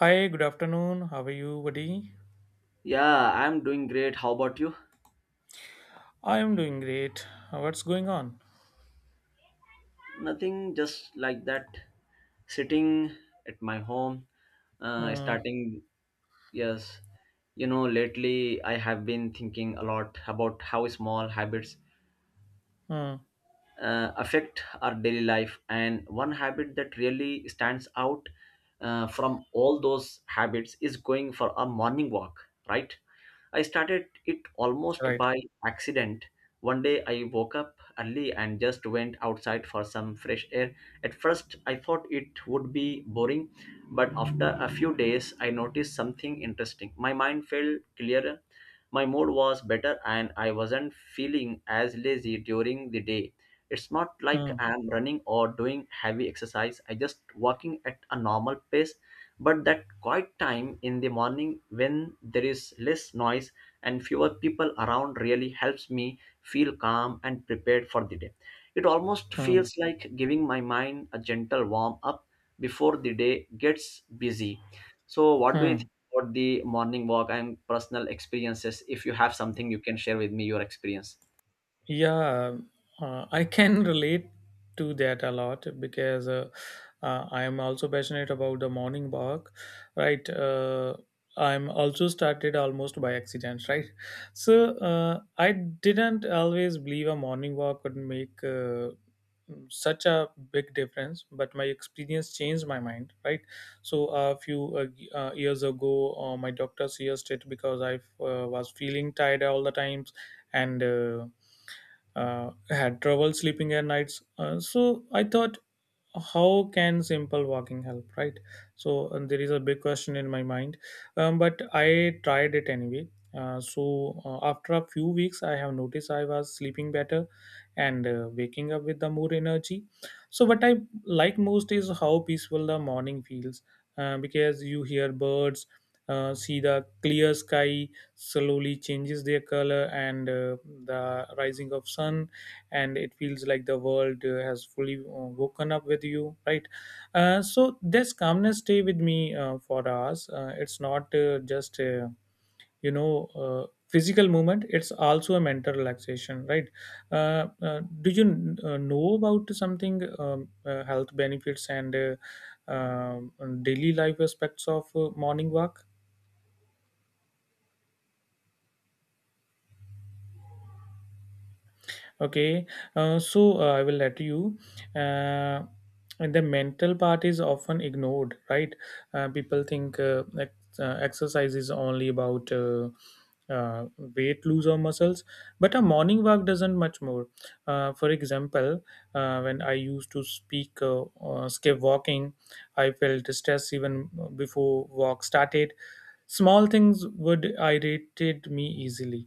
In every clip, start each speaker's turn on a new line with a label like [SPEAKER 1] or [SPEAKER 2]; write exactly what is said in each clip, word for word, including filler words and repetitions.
[SPEAKER 1] Hi, good afternoon. How are you, buddy?
[SPEAKER 2] Yeah, I'm doing great. How about you?
[SPEAKER 1] I am doing great. What's going on?
[SPEAKER 2] Nothing, just like that. Sitting at my home, uh,
[SPEAKER 1] Hmm.
[SPEAKER 2] starting, yes. You know, lately I have been thinking a lot about how small habits
[SPEAKER 1] Hmm.
[SPEAKER 2] uh, affect our daily life, and one habit that really stands out, uh, from all those habits, is going for a morning walk, right? I started it almost
[SPEAKER 1] Right.
[SPEAKER 2] by accident. One day I woke up early and just went outside for some fresh air. At first I thought it would be boring, but after a few days I noticed something interesting. My mind felt clearer, my mood was better, and I wasn't feeling as lazy during the day. It's not like
[SPEAKER 1] Hmm.
[SPEAKER 2] I'm running or doing heavy exercise. I just walking at a normal pace. But that quiet time in the morning, when there is less noise and fewer people around, really helps me feel calm and prepared for the day. It almost
[SPEAKER 1] Hmm.
[SPEAKER 2] feels like giving my mind a gentle warm up before the day gets busy. So, what do you think
[SPEAKER 1] Hmm.
[SPEAKER 2] about the morning walk and personal experiences? If you have something, you can share with me your experience.
[SPEAKER 1] Yeah, uh, I can relate to that a lot because uh, uh, I am also passionate about the morning walk, right? Uh, I'm also started almost by accident, right? So uh, I didn't always believe a morning walk would make uh, such a big difference, but my experience changed my mind, right? So a few uh, y- uh, years ago, uh, my doctor suggested because I uh, was feeling tired all the times and. Uh, uh, had trouble sleeping at nights. Uh, so I thought, how can simple walking help, right? So and there is a big question in my mind, um, but I tried it anyway. Uh, so uh, after a few weeks, I have noticed I was sleeping better and uh, waking up with the more energy. So what I like most is how peaceful the morning feels, uh, because you hear birds, uh, see the clear sky slowly changes their color, and uh, the rising of sun, and it feels like the world uh, has fully uh, woken up with you, right? Uh, so this calmness stay with me uh, for hours. Uh, it's not uh, just uh, you know uh, physical movement, it's also a mental relaxation, right? Uh, uh, do you kn- uh, know about something, um, uh, health benefits and uh, um daily life aspects of uh, morning walk? Okay uh, so uh, I will let you. uh, and the mental part is often ignored, right? Uh, people think uh, ex- uh, exercise is only about, uh, uh, weight lose or muscles, but a morning walk doesn't much more. Uh, for example, uh, when I used to speak uh, uh, skip walking, I felt stress even before walk started. Small things would irritate me easily.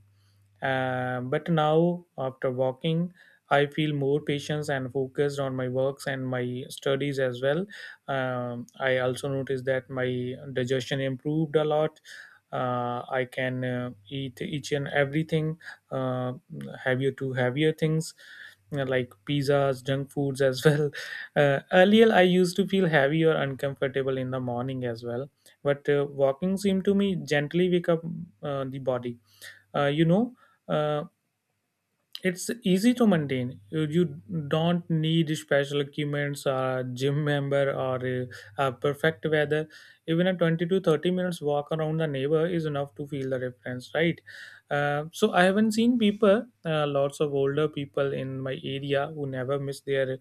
[SPEAKER 1] uh, But now, after walking, I feel more patience and focused on my works and my studies as well. Um, I also noticed that my digestion improved a lot. Uh, I can uh, eat each and everything, uh, heavier to heavier things you know, like pizzas, junk foods as well. Uh, earlier, I used to feel heavy or uncomfortable in the morning as well, but uh, walking seemed to me gently wake up uh, the body. uh, you know uh, it's easy to maintain. You you don't need special equipments, a gym member, or a, a perfect weather. Even a twenty to thirty minutes walk around the neighbor is enough to feel the difference, right? Uh, so I haven't seen people, uh, lots of older people in my area who never miss their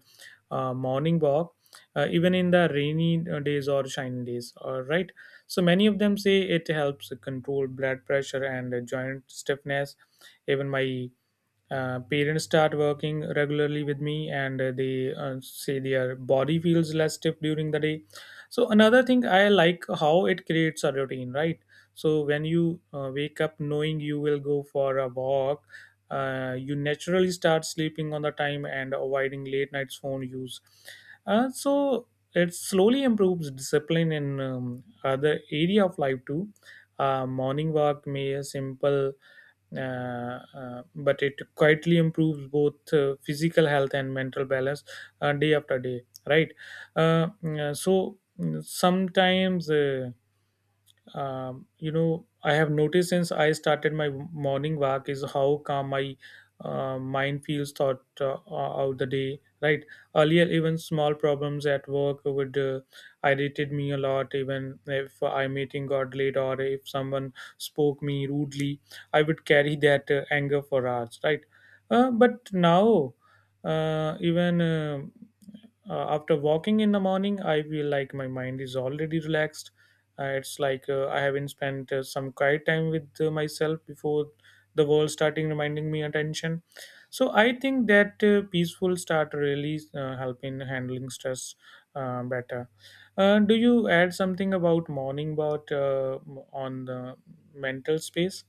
[SPEAKER 1] uh, morning walk, uh, even in the rainy uh, days or shiny days, all right? So many of them say it helps control blood pressure and uh, joint stiffness. Even my uh, parents start working regularly with me, and uh, they uh, say their body feels less stiff during the day. So another thing I like how it creates a routine, right? So when you uh, wake up knowing you will go for a walk, uh, you naturally start sleeping on the time and avoiding late nights phone use. Uh, so it slowly improves discipline in, um, other area of life too. Uh, morning walk may a simple, uh, uh, but it quietly improves both uh, physical health and mental balance uh, day after day, right? Uh, mm, uh, so mm, sometimes, uh, um, you know I have noticed since I started my morning walk is how calm my uh, mind feels thought uh, out the day, right? Earlier even small problems at work would uh, irritated me a lot. Even if I meeting got late or if someone spoke me rudely, I would carry that uh, anger for hours, right? Uh, but now, uh, even uh, uh, after walking in the morning I feel like my mind is already relaxed. Uh, it's like uh, I haven't spent uh, some quiet time with uh, myself before the world starting reminding me attention. So I think that uh, peaceful start really uh, help in handling stress uh, better. Uh, do you add something about morning, about uh, on the mental space?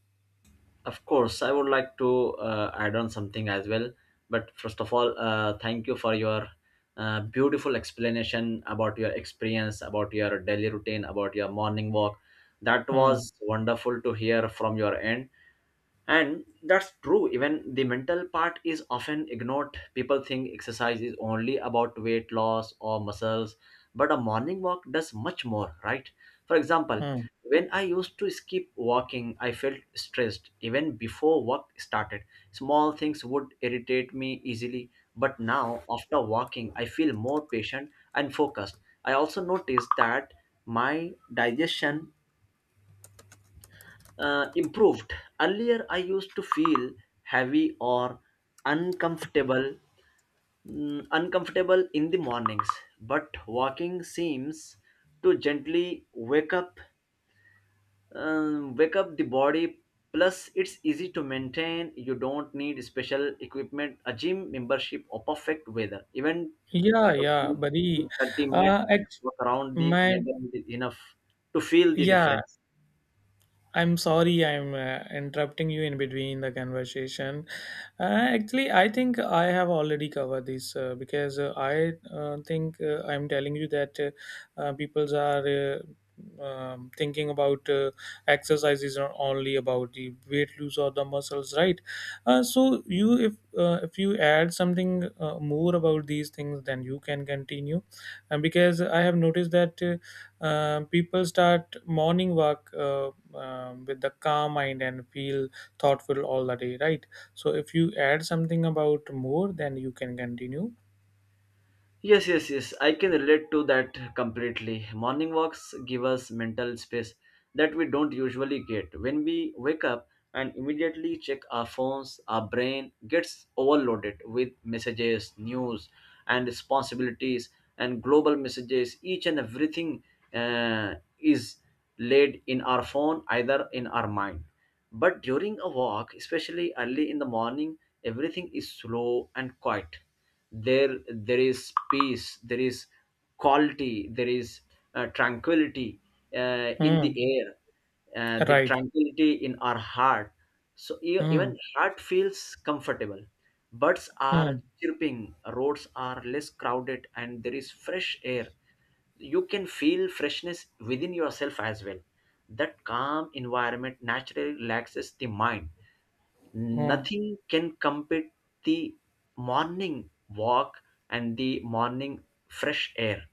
[SPEAKER 2] Of course, I would like to uh, add on something as well. But first of all, uh, thank you for your uh, beautiful explanation about your experience, about your daily routine, about your morning walk. That
[SPEAKER 1] Hmm.
[SPEAKER 2] was wonderful to hear from your end, and that's true. Even the mental part is often ignored. People think exercise is only about weight loss or muscles, but a morning walk does much more, right? For example,
[SPEAKER 1] Hmm.
[SPEAKER 2] when I used to skip walking, I felt stressed even before work started. Small things would irritate me easily, but now, after walking, I feel more patient and focused. I also noticed that my digestion uh, improved. Earlier, I used to feel heavy or uncomfortable, mm, uncomfortable in the mornings. But walking seems to gently wake up, um, wake up the body. Plus, it's easy to maintain. You don't need special equipment, a gym membership, or perfect weather. Even a
[SPEAKER 1] Yeah, yeah,
[SPEAKER 2] twenty,
[SPEAKER 1] buddy.
[SPEAKER 2] thirty minutes
[SPEAKER 1] Uh, ex
[SPEAKER 2] walk around the
[SPEAKER 1] my
[SPEAKER 2] neighborhood is enough to feel the
[SPEAKER 1] yeah,
[SPEAKER 2] difference.
[SPEAKER 1] I'm sorry, I'm uh, interrupting you in between the conversation. Uh, actually, I think I have already covered this, uh, because uh, I uh, think, uh, I'm telling you that, uh, uh, people's are, uh, um, thinking about, uh, exercise is not only about the weight loss or the muscles, right? Uh, so you, if uh, if you add something uh, more about these things, then you can continue, and because I have noticed that. uh, um, people start morning walk, uh, um, with the calm mind and feel thoughtful all the day, right? So if you add something about more, then you can continue.
[SPEAKER 2] Yes, yes, yes, I can relate to that completely. Morning walks give us mental space that we don't usually get. When we wake up and immediately check our phones, our brain gets overloaded with messages, news, and responsibilities, and global messages. Each and everything uh, is laid in our phone, either in our mind. But during a walk, especially early in the morning, everything is slow and quiet. There there is peace, there is quality, there is, uh, tranquility uh, in the
[SPEAKER 1] Hmm.
[SPEAKER 2] air, uh, the
[SPEAKER 1] Right.
[SPEAKER 2] tranquility in our heart, so e- even
[SPEAKER 1] Hmm.
[SPEAKER 2] heart feels comfortable. Birds are
[SPEAKER 1] Hmm.
[SPEAKER 2] chirping, roads are less crowded, and there is fresh air. You can feel freshness within yourself as well. That calm environment naturally relaxes the mind.
[SPEAKER 1] Hmm.
[SPEAKER 2] Nothing can compete the morning walk and the morning fresh air,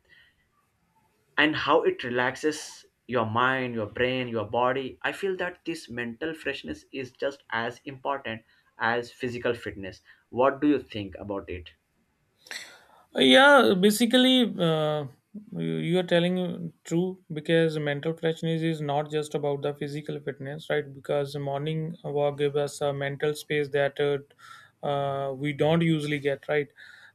[SPEAKER 2] and how it relaxes your mind, your brain, your body. I feel that this mental freshness is just as important as physical fitness. What do you think about it?
[SPEAKER 1] Yeah, basically, uh, you you are telling true because mental freshness is not just about the physical fitness, right? Because morning walk gives us a mental space that, uh, uh, we don't usually get, right?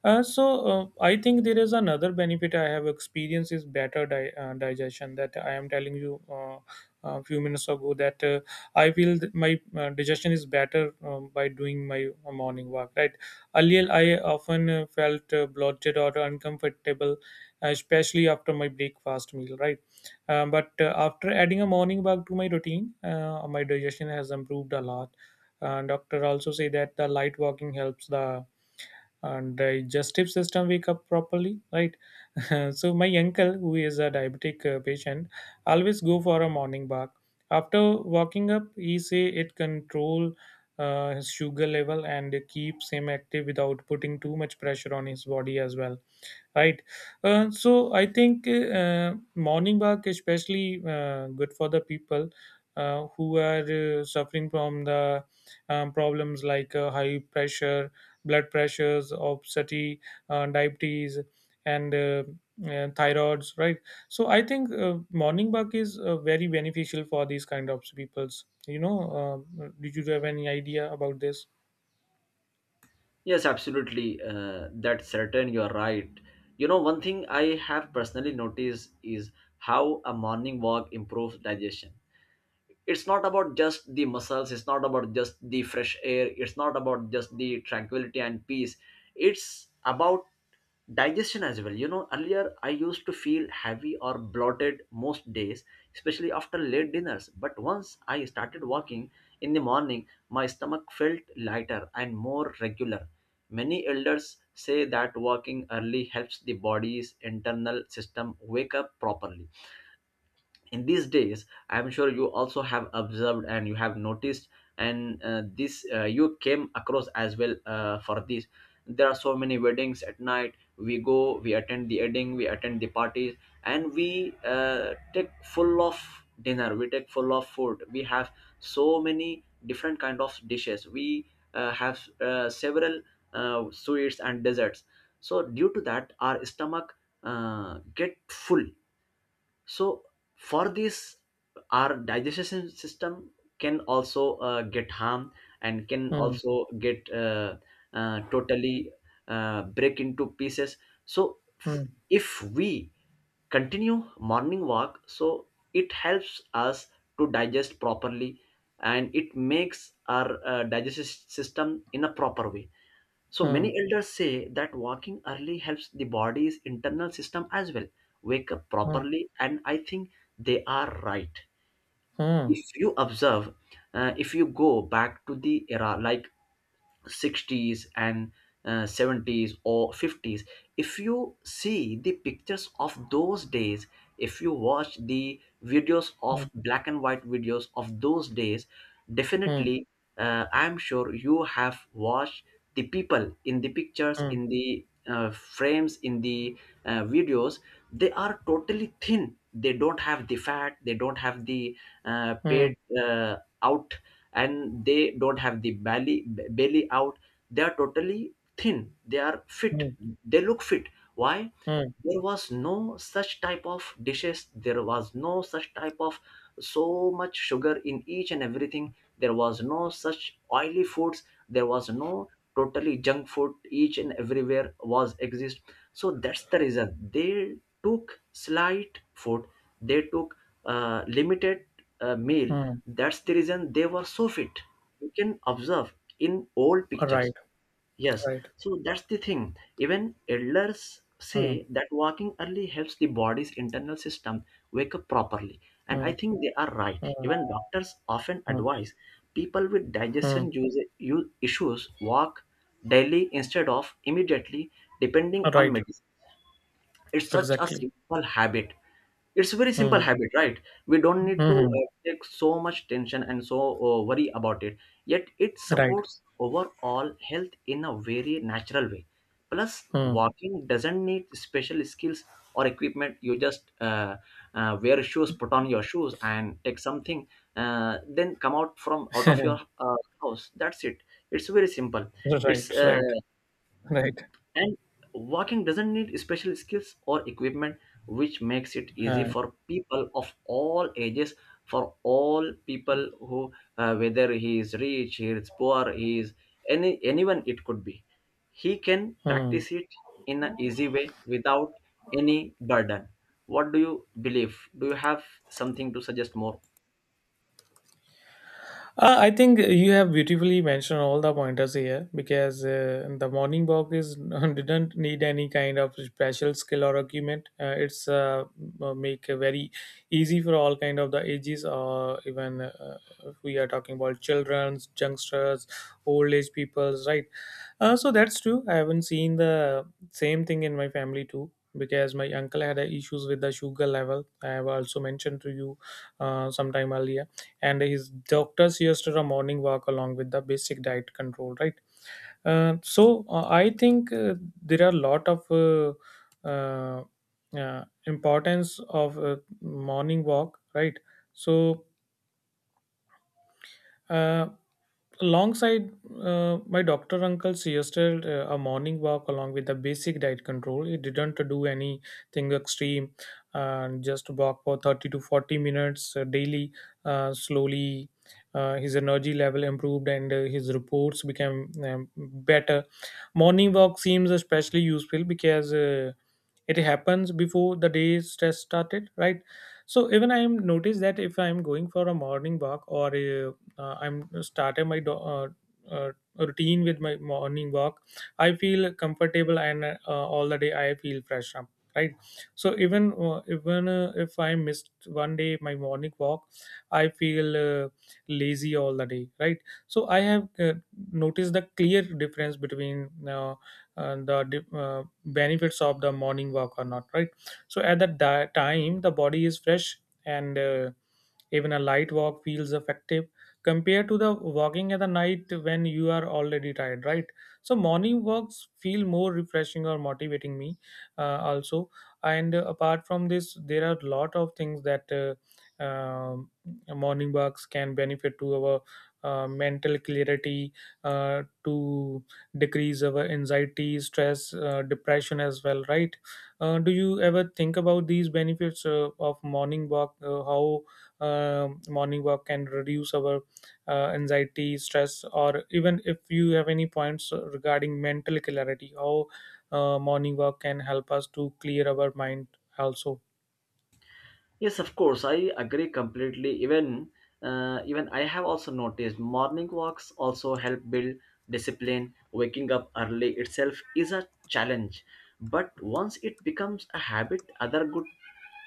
[SPEAKER 1] Uh, so uh, I think there is another benefit I have experienced is better di- uh, digestion, that I am telling you, uh, a few minutes ago, that, uh, I feel that my uh, digestion is better, um, by doing my morning walk, right? Earlier, I often uh, felt uh, bloated or uncomfortable, especially after my breakfast meal, right? Um, but uh, after adding a morning walk to my routine, uh, my digestion has improved a lot. Uh, doctor also say that the light walking helps the uh, digestive system wake up properly, right? So my uncle, who is a diabetic uh, patient, always go for a morning walk after walking up. He say it control uh, his sugar level and keeps him active without putting too much pressure on his body as well. Right. Uh, so I think uh, morning walk especially uh, good for the people uh, who are uh, suffering from the, um, problems like uh, high pressure, blood pressures, obesity, uh, diabetes, and uh, uh, thyroids. Right. So I think uh, morning walk is uh, very beneficial for these kind of peoples. You know, uh, did you have any idea about this?
[SPEAKER 2] Yes, absolutely. Uh, that's certain. You're right. You know, one thing I have personally noticed is how a morning walk improves digestion. It's not about just the muscles, it's not about just the fresh air, it's not about just the tranquility and peace. It's about digestion as well. You know, earlier I used to feel heavy or bloated most days, especially after late dinners, but once I started walking in the morning, my stomach felt lighter and more regular. Many elders say that walking early helps the body's internal system wake up properly. In these days, I'm sure you also have observed, and you have noticed, and uh, this, uh, you came across as well. Uh, for this, there are so many weddings at night. We go, we attend the wedding, we attend the parties, and we uh, take full of dinner, we take full of food, we have so many different kind of dishes, we uh, have uh, several uh, sweets and desserts. So due to that, our stomach uh, get full. So, for this, our digestion system can also uh, get harm, and can
[SPEAKER 1] Hmm.
[SPEAKER 2] also get, uh, uh, totally, uh, break into pieces. So f-
[SPEAKER 1] Hmm.
[SPEAKER 2] if we continue morning walk, so it helps us to digest properly, and it makes our uh, digestive system in a proper way. So many
[SPEAKER 1] Hmm.
[SPEAKER 2] elders say that walking early helps the body's internal system as well wake up
[SPEAKER 1] Hmm.
[SPEAKER 2] properly, and I think they are right.
[SPEAKER 1] Hmm.
[SPEAKER 2] If you observe, uh, if you go back to the era like sixties and uh, seventies or fifties, if you see the pictures of those days, if you watch the videos of black and white videos of those days,
[SPEAKER 1] Hmm.
[SPEAKER 2] definitely, uh, I'm sure you have watched the people in the pictures,
[SPEAKER 1] Hmm.
[SPEAKER 2] in the uh, frames, in the uh, videos. They are totally thin, they don't have the fat, they don't have the uh, pet
[SPEAKER 1] Hmm.
[SPEAKER 2] uh, out, and they don't have the belly, b- belly out. They are totally thin, they are fit,
[SPEAKER 1] Mm,
[SPEAKER 2] they look fit. Why?
[SPEAKER 1] mm,
[SPEAKER 2] There was no such type of dishes, there was no such type of so much sugar in each and everything, there was no such oily foods, there was no totally junk food each and everywhere was exist. So that's the reason they took slight food, they took uh, limited uh, meal.
[SPEAKER 1] mm.
[SPEAKER 2] That's the reason they were so fit. You can observe in old pictures,
[SPEAKER 1] Right,
[SPEAKER 2] yes.
[SPEAKER 1] right.
[SPEAKER 2] So that's the thing. Even elders
[SPEAKER 1] Mm,
[SPEAKER 2] say that walking early helps the body's internal system wake up properly. And I
[SPEAKER 1] mm,
[SPEAKER 2] think they are right.
[SPEAKER 1] mm,
[SPEAKER 2] Even doctors often
[SPEAKER 1] mm,
[SPEAKER 2] advise people with
[SPEAKER 1] mm.
[SPEAKER 2] digestion use, use issues walk daily instead of immediately depending on
[SPEAKER 1] Right,
[SPEAKER 2] medicine. It's such a
[SPEAKER 1] exactly.
[SPEAKER 2] simple habit, it's a very simple
[SPEAKER 1] Mm,
[SPEAKER 2] habit, right? We don't need to
[SPEAKER 1] mm,
[SPEAKER 2] uh, take so much tension and so uh, worry about it, yet it
[SPEAKER 1] right.
[SPEAKER 2] supports overall health in a very natural way. Plus,
[SPEAKER 1] Mm.
[SPEAKER 2] walking doesn't need special skills or equipment. You just uh, uh, wear shoes, put on your shoes and take something, uh, then come out from out of your uh, house. That's it, it's very simple. It's
[SPEAKER 1] Right,
[SPEAKER 2] uh,
[SPEAKER 1] right, right.
[SPEAKER 2] And walking doesn't need special skills or equipment, which makes it easy
[SPEAKER 1] Uh,
[SPEAKER 2] for people of all ages, for all people who, uh, whether he is rich, he is poor, he is any anyone it could be, he can
[SPEAKER 1] mm.
[SPEAKER 2] practice it in an easy way without any burden. What do you believe? Do you have something to suggest more?
[SPEAKER 1] Uh, I think you have beautifully mentioned all the pointers here because uh, the morning walk is didn't need any kind of special skill or equipment. Uh, it's uh, make a very easy for all kind of the ages, or even uh, if we are talking about childrens, youngsters, old age peoples, right? Uh, so that's true. I haven't seen the same thing in my family too because my uncle had uh, issues with the sugar level. I have also mentioned to you uh, sometime earlier, and his doctor suggested a morning walk along with the basic diet control, right? Uh, so uh, I think, uh, there are a lot of, uh, uh, uh, importance of uh, morning walk, right? So uh, alongside, uh, my doctor uncle suggested uh, a morning walk along with the basic diet control. He didn't do anything extreme, and just walk for thirty to forty minutes uh, daily. Uh, slowly uh, his energy level improved, and uh, his reports became, um, better. Morning walk seems especially useful because uh, it happens before the day's stress started, right? So even I am noticed that if I am going for a morning walk, or uh, uh, I'm started my do- uh, uh, routine with my morning walk, I feel comfortable, and uh, all the day I feel fresh up, right? So even uh, even uh, if I missed one day my morning walk, I feel uh, lazy all the day, right? So I have uh, noticed the clear difference between, uh, and the di- uh, benefits of the morning walk or not, right? So at that di- time the body is fresh, and uh, even a light walk feels effective compared to the walking at the night when you are already tired, right? So morning walks feel more refreshing or motivating me uh, also. And uh, apart from this there are a lot of things that, uh, um, morning walks can benefit to our uh, mental clarity, uh, to decrease our anxiety, stress, uh, depression as well, right? Uh, do you ever think about these benefits uh, of morning walk? Uh, how um morning walk can reduce our uh, anxiety, stress, or even if you have any points uh, regarding mental clarity, how uh, morning walk can help us to clear our mind also.
[SPEAKER 2] Yes, of course, I agree completely. Even uh, even I have also noticed morning walks also help build discipline. Waking up early itself is a challenge, but once it becomes a habit, other good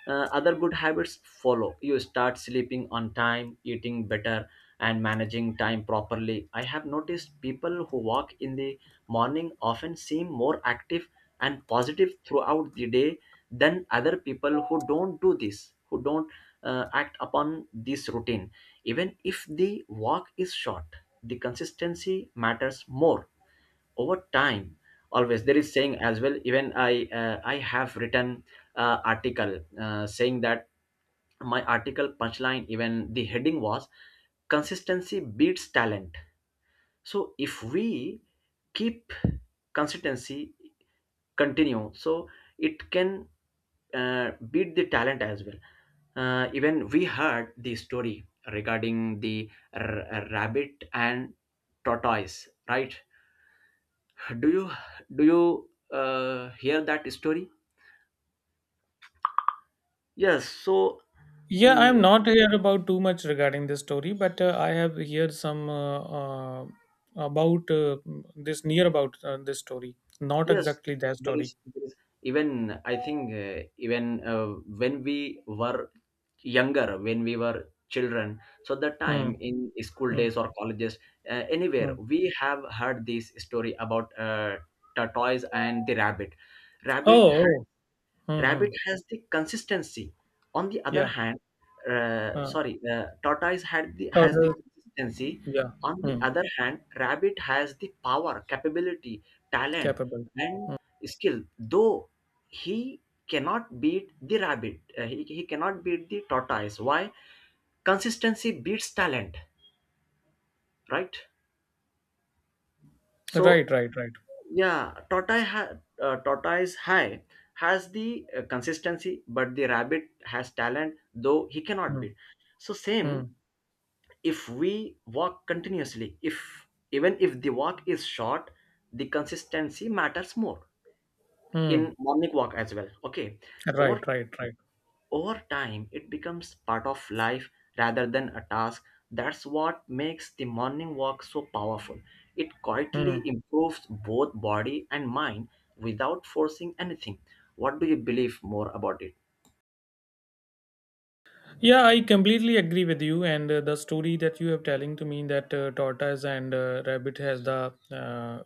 [SPEAKER 2] uh, other good habits follow. You start sleeping on time, eating better, and managing time properly. I have noticed people who walk in the morning often seem more active and positive throughout the day than other people who don't do this, who don't uh, act upon this routine. Even if the walk is short, the consistency matters more over time. Always there is saying as well. Even i uh, i have written uh, article uh, saying that my article punchline, even the heading, was "Consistency beats talent." So if we keep consistency continue, so it can uh, beat the talent as well. Uh, even we heard the story regarding the r- rabbit and tortoise, right? Do you do you uh, hear that story? Yes. So
[SPEAKER 1] Yeah,
[SPEAKER 2] mm,
[SPEAKER 1] I'm not here about too much regarding this story, but uh, I have heard some uh, uh, about uh, this near about uh, this story. Not
[SPEAKER 2] yes,
[SPEAKER 1] exactly that
[SPEAKER 2] there
[SPEAKER 1] story.
[SPEAKER 2] is, there is. Even I think, uh, even uh, when we were younger, when we were children, so the
[SPEAKER 1] Hmm.
[SPEAKER 2] time in school
[SPEAKER 1] Hmm.
[SPEAKER 2] days or colleges, uh, anywhere,
[SPEAKER 1] Hmm.
[SPEAKER 2] we have heard this story about uh, tortoise and the rabbit. Rabbit
[SPEAKER 1] Oh, oh. Hmm,
[SPEAKER 2] Rabbit
[SPEAKER 1] hmm.
[SPEAKER 2] has the consistency. On the other
[SPEAKER 1] Yeah.
[SPEAKER 2] hand, uh,
[SPEAKER 1] Uh,
[SPEAKER 2] sorry, uh, tortoise had the
[SPEAKER 1] oh,
[SPEAKER 2] has the
[SPEAKER 1] the-
[SPEAKER 2] consistency.
[SPEAKER 1] yeah.
[SPEAKER 2] On the
[SPEAKER 1] Hmm.
[SPEAKER 2] other hand, rabbit has the power, capability, talent,
[SPEAKER 1] Capable.
[SPEAKER 2] and skill. Though he cannot beat the rabbit, uh, he, he cannot beat the tortoise. Why? Consistency beats talent, right? So,
[SPEAKER 1] Right. Right. Right.
[SPEAKER 2] yeah, tortoise, ha- uh, tortoise high has the uh, consistency, but the rabbit has talent, though he cannot
[SPEAKER 1] Hmm.
[SPEAKER 2] beat. So same,
[SPEAKER 1] Hmm.
[SPEAKER 2] if we walk continuously, if even if the walk is short, the consistency matters more
[SPEAKER 1] Hmm.
[SPEAKER 2] in morning walk as well. Okay,
[SPEAKER 1] Right.
[SPEAKER 2] over
[SPEAKER 1] Right. Right.
[SPEAKER 2] over time it becomes part of life rather than a task. That's what makes the morning walk so powerful. It quietly
[SPEAKER 1] Hmm.
[SPEAKER 2] improves both body and mind without forcing anything. What do you believe more about it?
[SPEAKER 1] Yeah, I completely agree with you. And uh, the story that you have telling to me that uh, tortoise and uh, rabbit has the uh,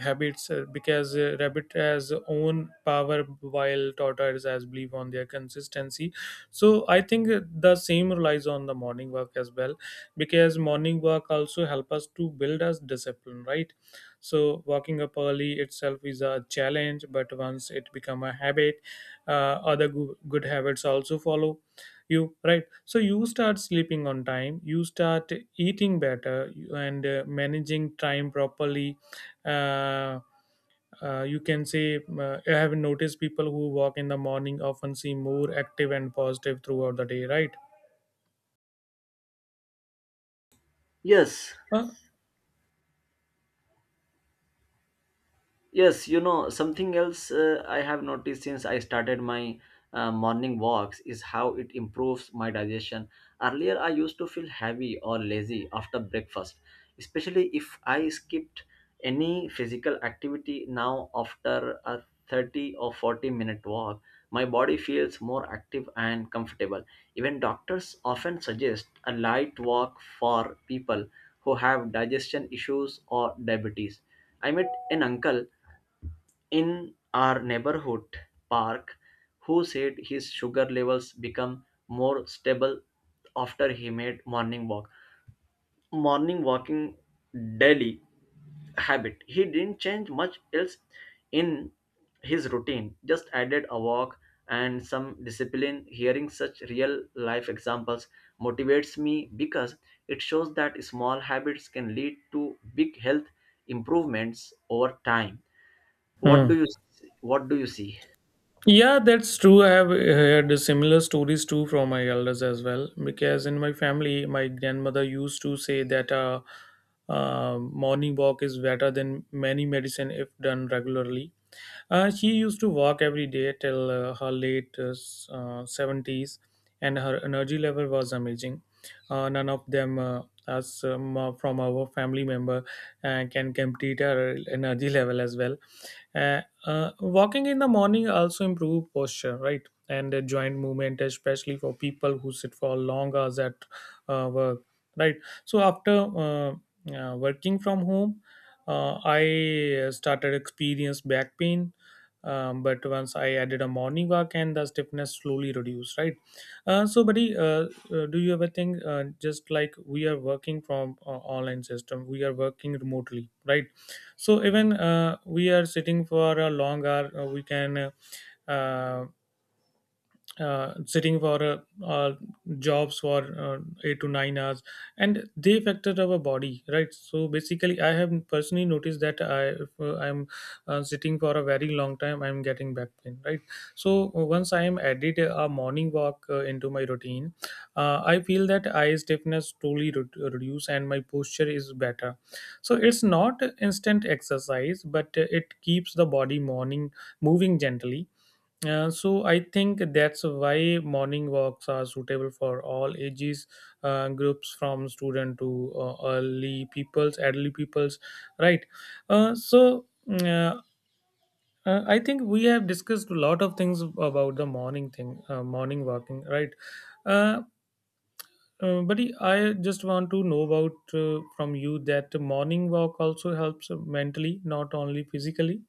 [SPEAKER 1] habits uh, because uh, rabbit has own power while tortoise has belief on their consistency. So I think uh, the same relies on the morning work as well because morning work also help us to build us discipline, right? So walking up early itself is a challenge, but once it become a habit, uh, other goo- good habits also follow you, right? So you start sleeping on time, you start eating better, you- and uh, managing time properly. uh, uh, you can say uh, I have noticed people who walk in the morning often seem more active and positive throughout the day, right?
[SPEAKER 2] Yes.
[SPEAKER 1] Uh,
[SPEAKER 2] Yes, you know, something else uh, I have noticed since I started my uh, morning walks is how it improves my digestion. Earlier, I used to feel heavy or lazy after breakfast, especially if I skipped any physical activity. Now, after a thirty or forty minute walk, my body feels more active and comfortable. Even doctors often suggest a light walk for people who have digestion issues or diabetes. I met an uncle in our neighborhood park who said his sugar levels become more stable after he made morning walk morning walking daily habit. He didn't change much else in his routine, just added a walk and some discipline. Hearing such real life examples motivates me because it shows that small habits can lead to big health improvements over time. what
[SPEAKER 1] hmm.
[SPEAKER 2] do you what do you see?
[SPEAKER 1] Yeah, that's true. I have uh, heard similar stories too from my elders as well. Because in my family, my grandmother used to say that uh, uh, morning walk is better than many medicine if done regularly. Uh, she used to walk every day till uh, her late uh, s- uh, seventies, and her energy level was amazing. Uh, none of them, uh, us um, uh, from our family member, uh, can complete her energy level as well. Uh, uh, walking in the morning also improve posture, right? And uh, joint movement, especially for people who sit for long hours at uh, work, right? So after uh, uh, working from home, uh, I uh, started experience back pain, um, but once I added a morning walk and the stiffness slowly reduced, right? Uh, so buddy, uh, uh, do you ever think uh, just like we are working from uh, online system, we are working remotely, right? So even uh, we are sitting for a long hour, uh, we can uh, uh, sitting for uh, uh, jobs for uh, eight to nine hours and they factor our body, right? So basically I have personally noticed that I if uh, I'm uh, sitting for a very long time, I'm getting back pain, right? So uh, once I am added a morning walk uh, into my routine, uh, I feel that eye stiffness truly re- reduce and my posture is better. So it's not instant exercise, but uh, it keeps the body morning moving gently. Uh, so I think that's why morning walks are suitable for all ages, uh, groups, from student to uh, early peoples, elderly peoples, right? Uh, so mm, uh, uh, I think we have discussed a lot of things about the morning thing, uh, morning walking, right? Uh, uh, Buddy, I just want to know about uh, from you that morning walk also helps mentally, not only physically.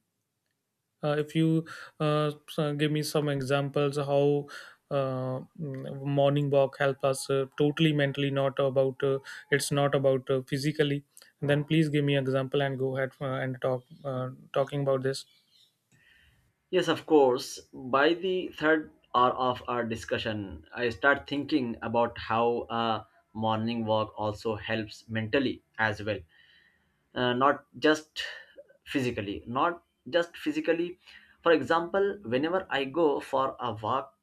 [SPEAKER 1] Uh, if you uh, so give me some examples, how uh, mm, morning walk help us uh, totally mentally, not about uh, it's not about uh, physically. Then please give me example and go ahead uh, and talk uh, talking about this.
[SPEAKER 2] Yes, of course. By the third hour of our discussion, I start thinking about how a morning walk also helps mentally as well, uh, not just physically not just physically For example, whenever I go for a walk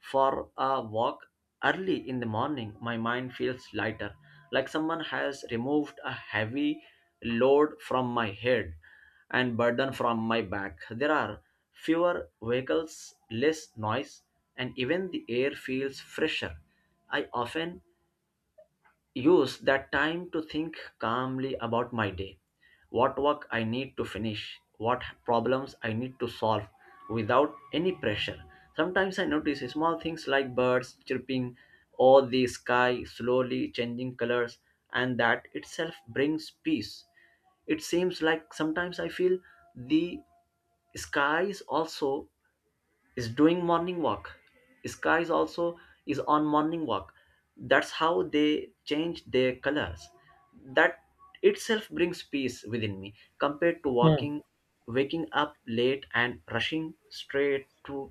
[SPEAKER 2] for a walk early in the morning, my mind feels lighter, like someone has removed a heavy load from my head and burden from my back. There are fewer vehicles, less noise, and even the air feels fresher. I often use that time to think calmly about my day, what work I need to finish, what problems I need to solve without any pressure. Sometimes I notice small things like birds chirping or the sky slowly changing colors, and that itself brings peace. It seems like sometimes I feel the skies also is doing morning walk, sky is also is on morning walk That's how they change their colors. That itself brings peace within me. Compared to
[SPEAKER 1] Hmm.
[SPEAKER 2] walking waking up late and rushing straight to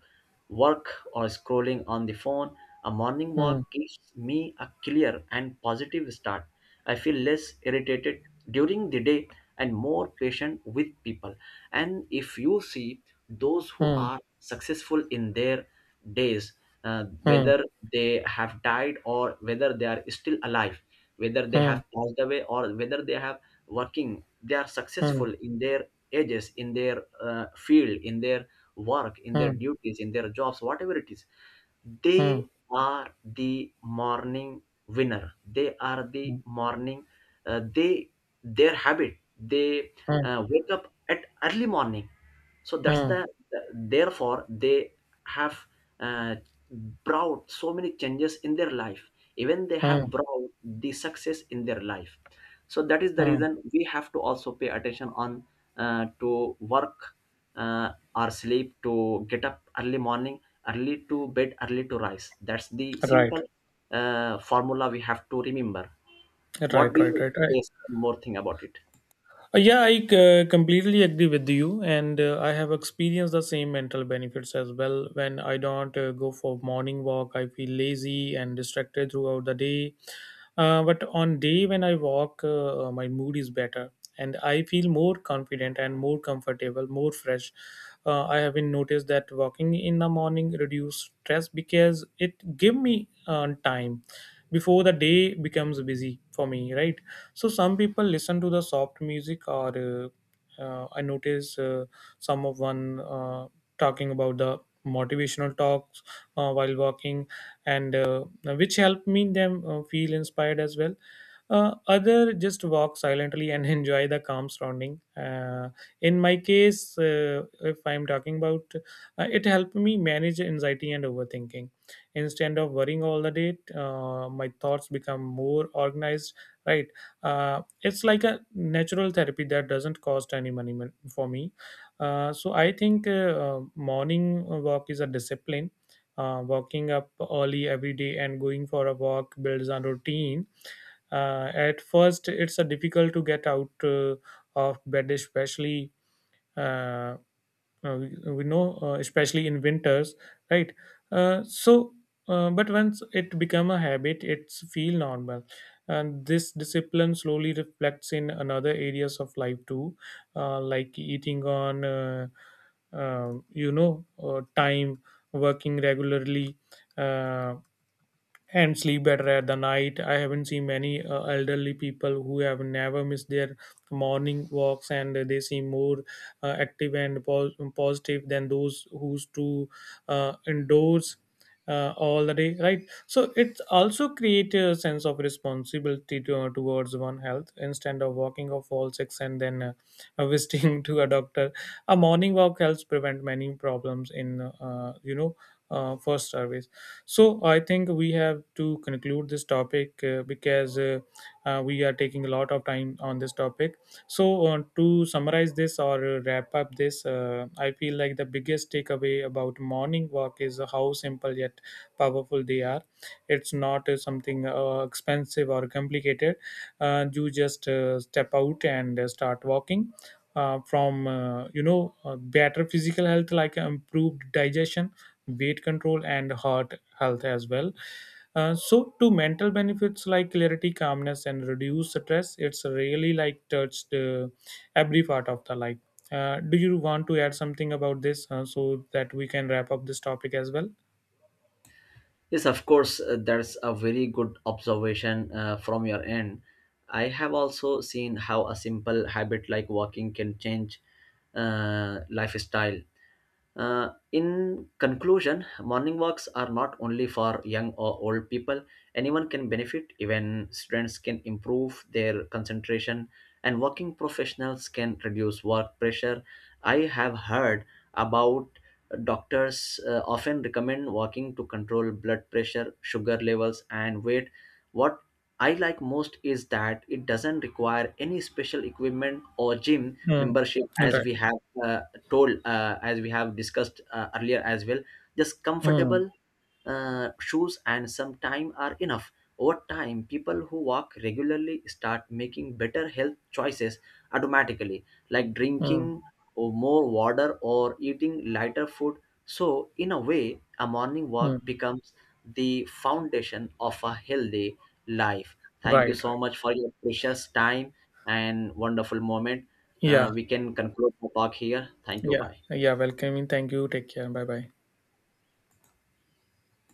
[SPEAKER 2] work or scrolling on the phone, a morning
[SPEAKER 1] Hmm.
[SPEAKER 2] walk gives me a clear and positive start. I feel less irritated during the day and more patient with people. And if you see those who
[SPEAKER 1] Hmm.
[SPEAKER 2] are successful in their days, uh,
[SPEAKER 1] Hmm.
[SPEAKER 2] whether they have died or whether they are still alive, whether they
[SPEAKER 1] Hmm.
[SPEAKER 2] have passed away or whether they have working, they are successful in their ages, in their uh, field, in their work, in their
[SPEAKER 1] Hmm.
[SPEAKER 2] duties, in their jobs, whatever it is.
[SPEAKER 1] Hmm.
[SPEAKER 2] They are the morning winner. They are the
[SPEAKER 1] Hmm.
[SPEAKER 2] morning. Uh, they their habit. They
[SPEAKER 1] Hmm.
[SPEAKER 2] uh, wake up at early morning. So that's
[SPEAKER 1] Hmm.
[SPEAKER 2] the Therefore, they have, uh, brought so many changes in their life. Even they have
[SPEAKER 1] Hmm.
[SPEAKER 2] brought the success in their life. So that is the
[SPEAKER 1] Hmm.
[SPEAKER 2] reason we have to also pay attention on, uh, to work, uh, or sleep to get up early morning. Early to bed, early to rise. That's the
[SPEAKER 1] Right.
[SPEAKER 2] simple, uh, formula we have to remember. What
[SPEAKER 1] Right.
[SPEAKER 2] do
[SPEAKER 1] Right. Right.
[SPEAKER 2] you
[SPEAKER 1] Right.
[SPEAKER 2] say? One more thing about it?
[SPEAKER 1] Uh, Yeah, I c- completely agree with you, and uh, I have experienced the same mental benefits as well. When I don't uh, go for morning walk, I feel lazy and distracted throughout the day. Uh, but on day when I walk, uh, uh, my mood is better, and I feel more confident and more comfortable, more fresh. Uh, I have been noticed that walking in the morning reduce stress because it give me uh, time before the day becomes busy for me, right? So some people listen to the soft music or uh, uh, I notice uh, some of one uh, talking about the motivational talks uh, while walking, and uh, which help me them uh, feel inspired as well. Uh, other just walk silently and enjoy the calm surrounding. Uh, in my case, uh, if I'm talking about uh, it helped me manage anxiety and overthinking instead of worrying all the day. Uh, my thoughts become more organized, right? Uh, it's like a natural therapy that doesn't cost any money mon- for me. Uh, so I think uh, uh, Morning walk is a discipline. Uh, walking up early every day and going for a walk builds a routine. Uh, at first it's a difficult to get out uh, of bed, especially uh, uh, we, uh, we know, uh, especially in winters, right? uh, so uh, but once it become a habit, it's feel normal, and this discipline slowly reflects in another areas of life too, uh, like eating on uh, um you know uh, time, working regularly uh, and sleep better at the night. I haven't seen many uh, elderly people who have never missed their morning walks, and they seem more uh, active and pos- positive than those who's to uh, indoors uh, all the day, right? So it also creates a sense of responsibility to, uh, towards one health, instead of walking off all six and then uh, visiting to a doctor. A morning walk helps prevent many problems in, uh, you know, uh, first service. So I think we have to conclude this topic uh, because uh, uh, we are taking a lot of time on this topic. So uh, to summarize this or uh, wrap up this, uh, I feel like the biggest takeaway about morning walk is how simple yet powerful they are. It's not uh, something uh, expensive or complicated. Uh, you just uh, step out and uh, start walking, uh, from uh, you know, uh, better physical health like improved digestion, weight control and heart health as well, uh, so to mental benefits like clarity, calmness and reduce stress. It's really like touched uh, every part of the life. Uh, do you want to add something about this uh, so that we can wrap up this topic as well?
[SPEAKER 2] Yes, of course, uh, that's a very good observation uh, from your end. I have also seen how a simple habit like walking can change, uh, lifestyle. Uh, in conclusion, morning walks are not only for young or old people. Anyone can benefit. Even students can improve their concentration, and working professionals can reduce work pressure. I have heard about doctors uh, often recommend walking to control blood pressure, sugar levels, and weight. What I like most is that it doesn't require any special equipment or gym
[SPEAKER 1] Mm,
[SPEAKER 2] membership. As
[SPEAKER 1] right.
[SPEAKER 2] we have uh, told uh, as we have discussed uh, earlier as well, just
[SPEAKER 1] Mm,
[SPEAKER 2] comfortable, uh, shoes and some time are enough. Over time, people who walk regularly start making better health choices automatically, like
[SPEAKER 1] mm,
[SPEAKER 2] drinking or more water or eating lighter food. So in a way, a morning
[SPEAKER 1] mm.
[SPEAKER 2] walk becomes the foundation of a healthy life. Thank you
[SPEAKER 1] Right,
[SPEAKER 2] so
[SPEAKER 1] right.
[SPEAKER 2] much for your precious time and wonderful moment. Uh,
[SPEAKER 1] Yeah.
[SPEAKER 2] we can conclude the talk here. Thank you.
[SPEAKER 1] Yeah,
[SPEAKER 2] Bye.
[SPEAKER 1] yeah, welcoming. Thank you. Take care. Bye bye.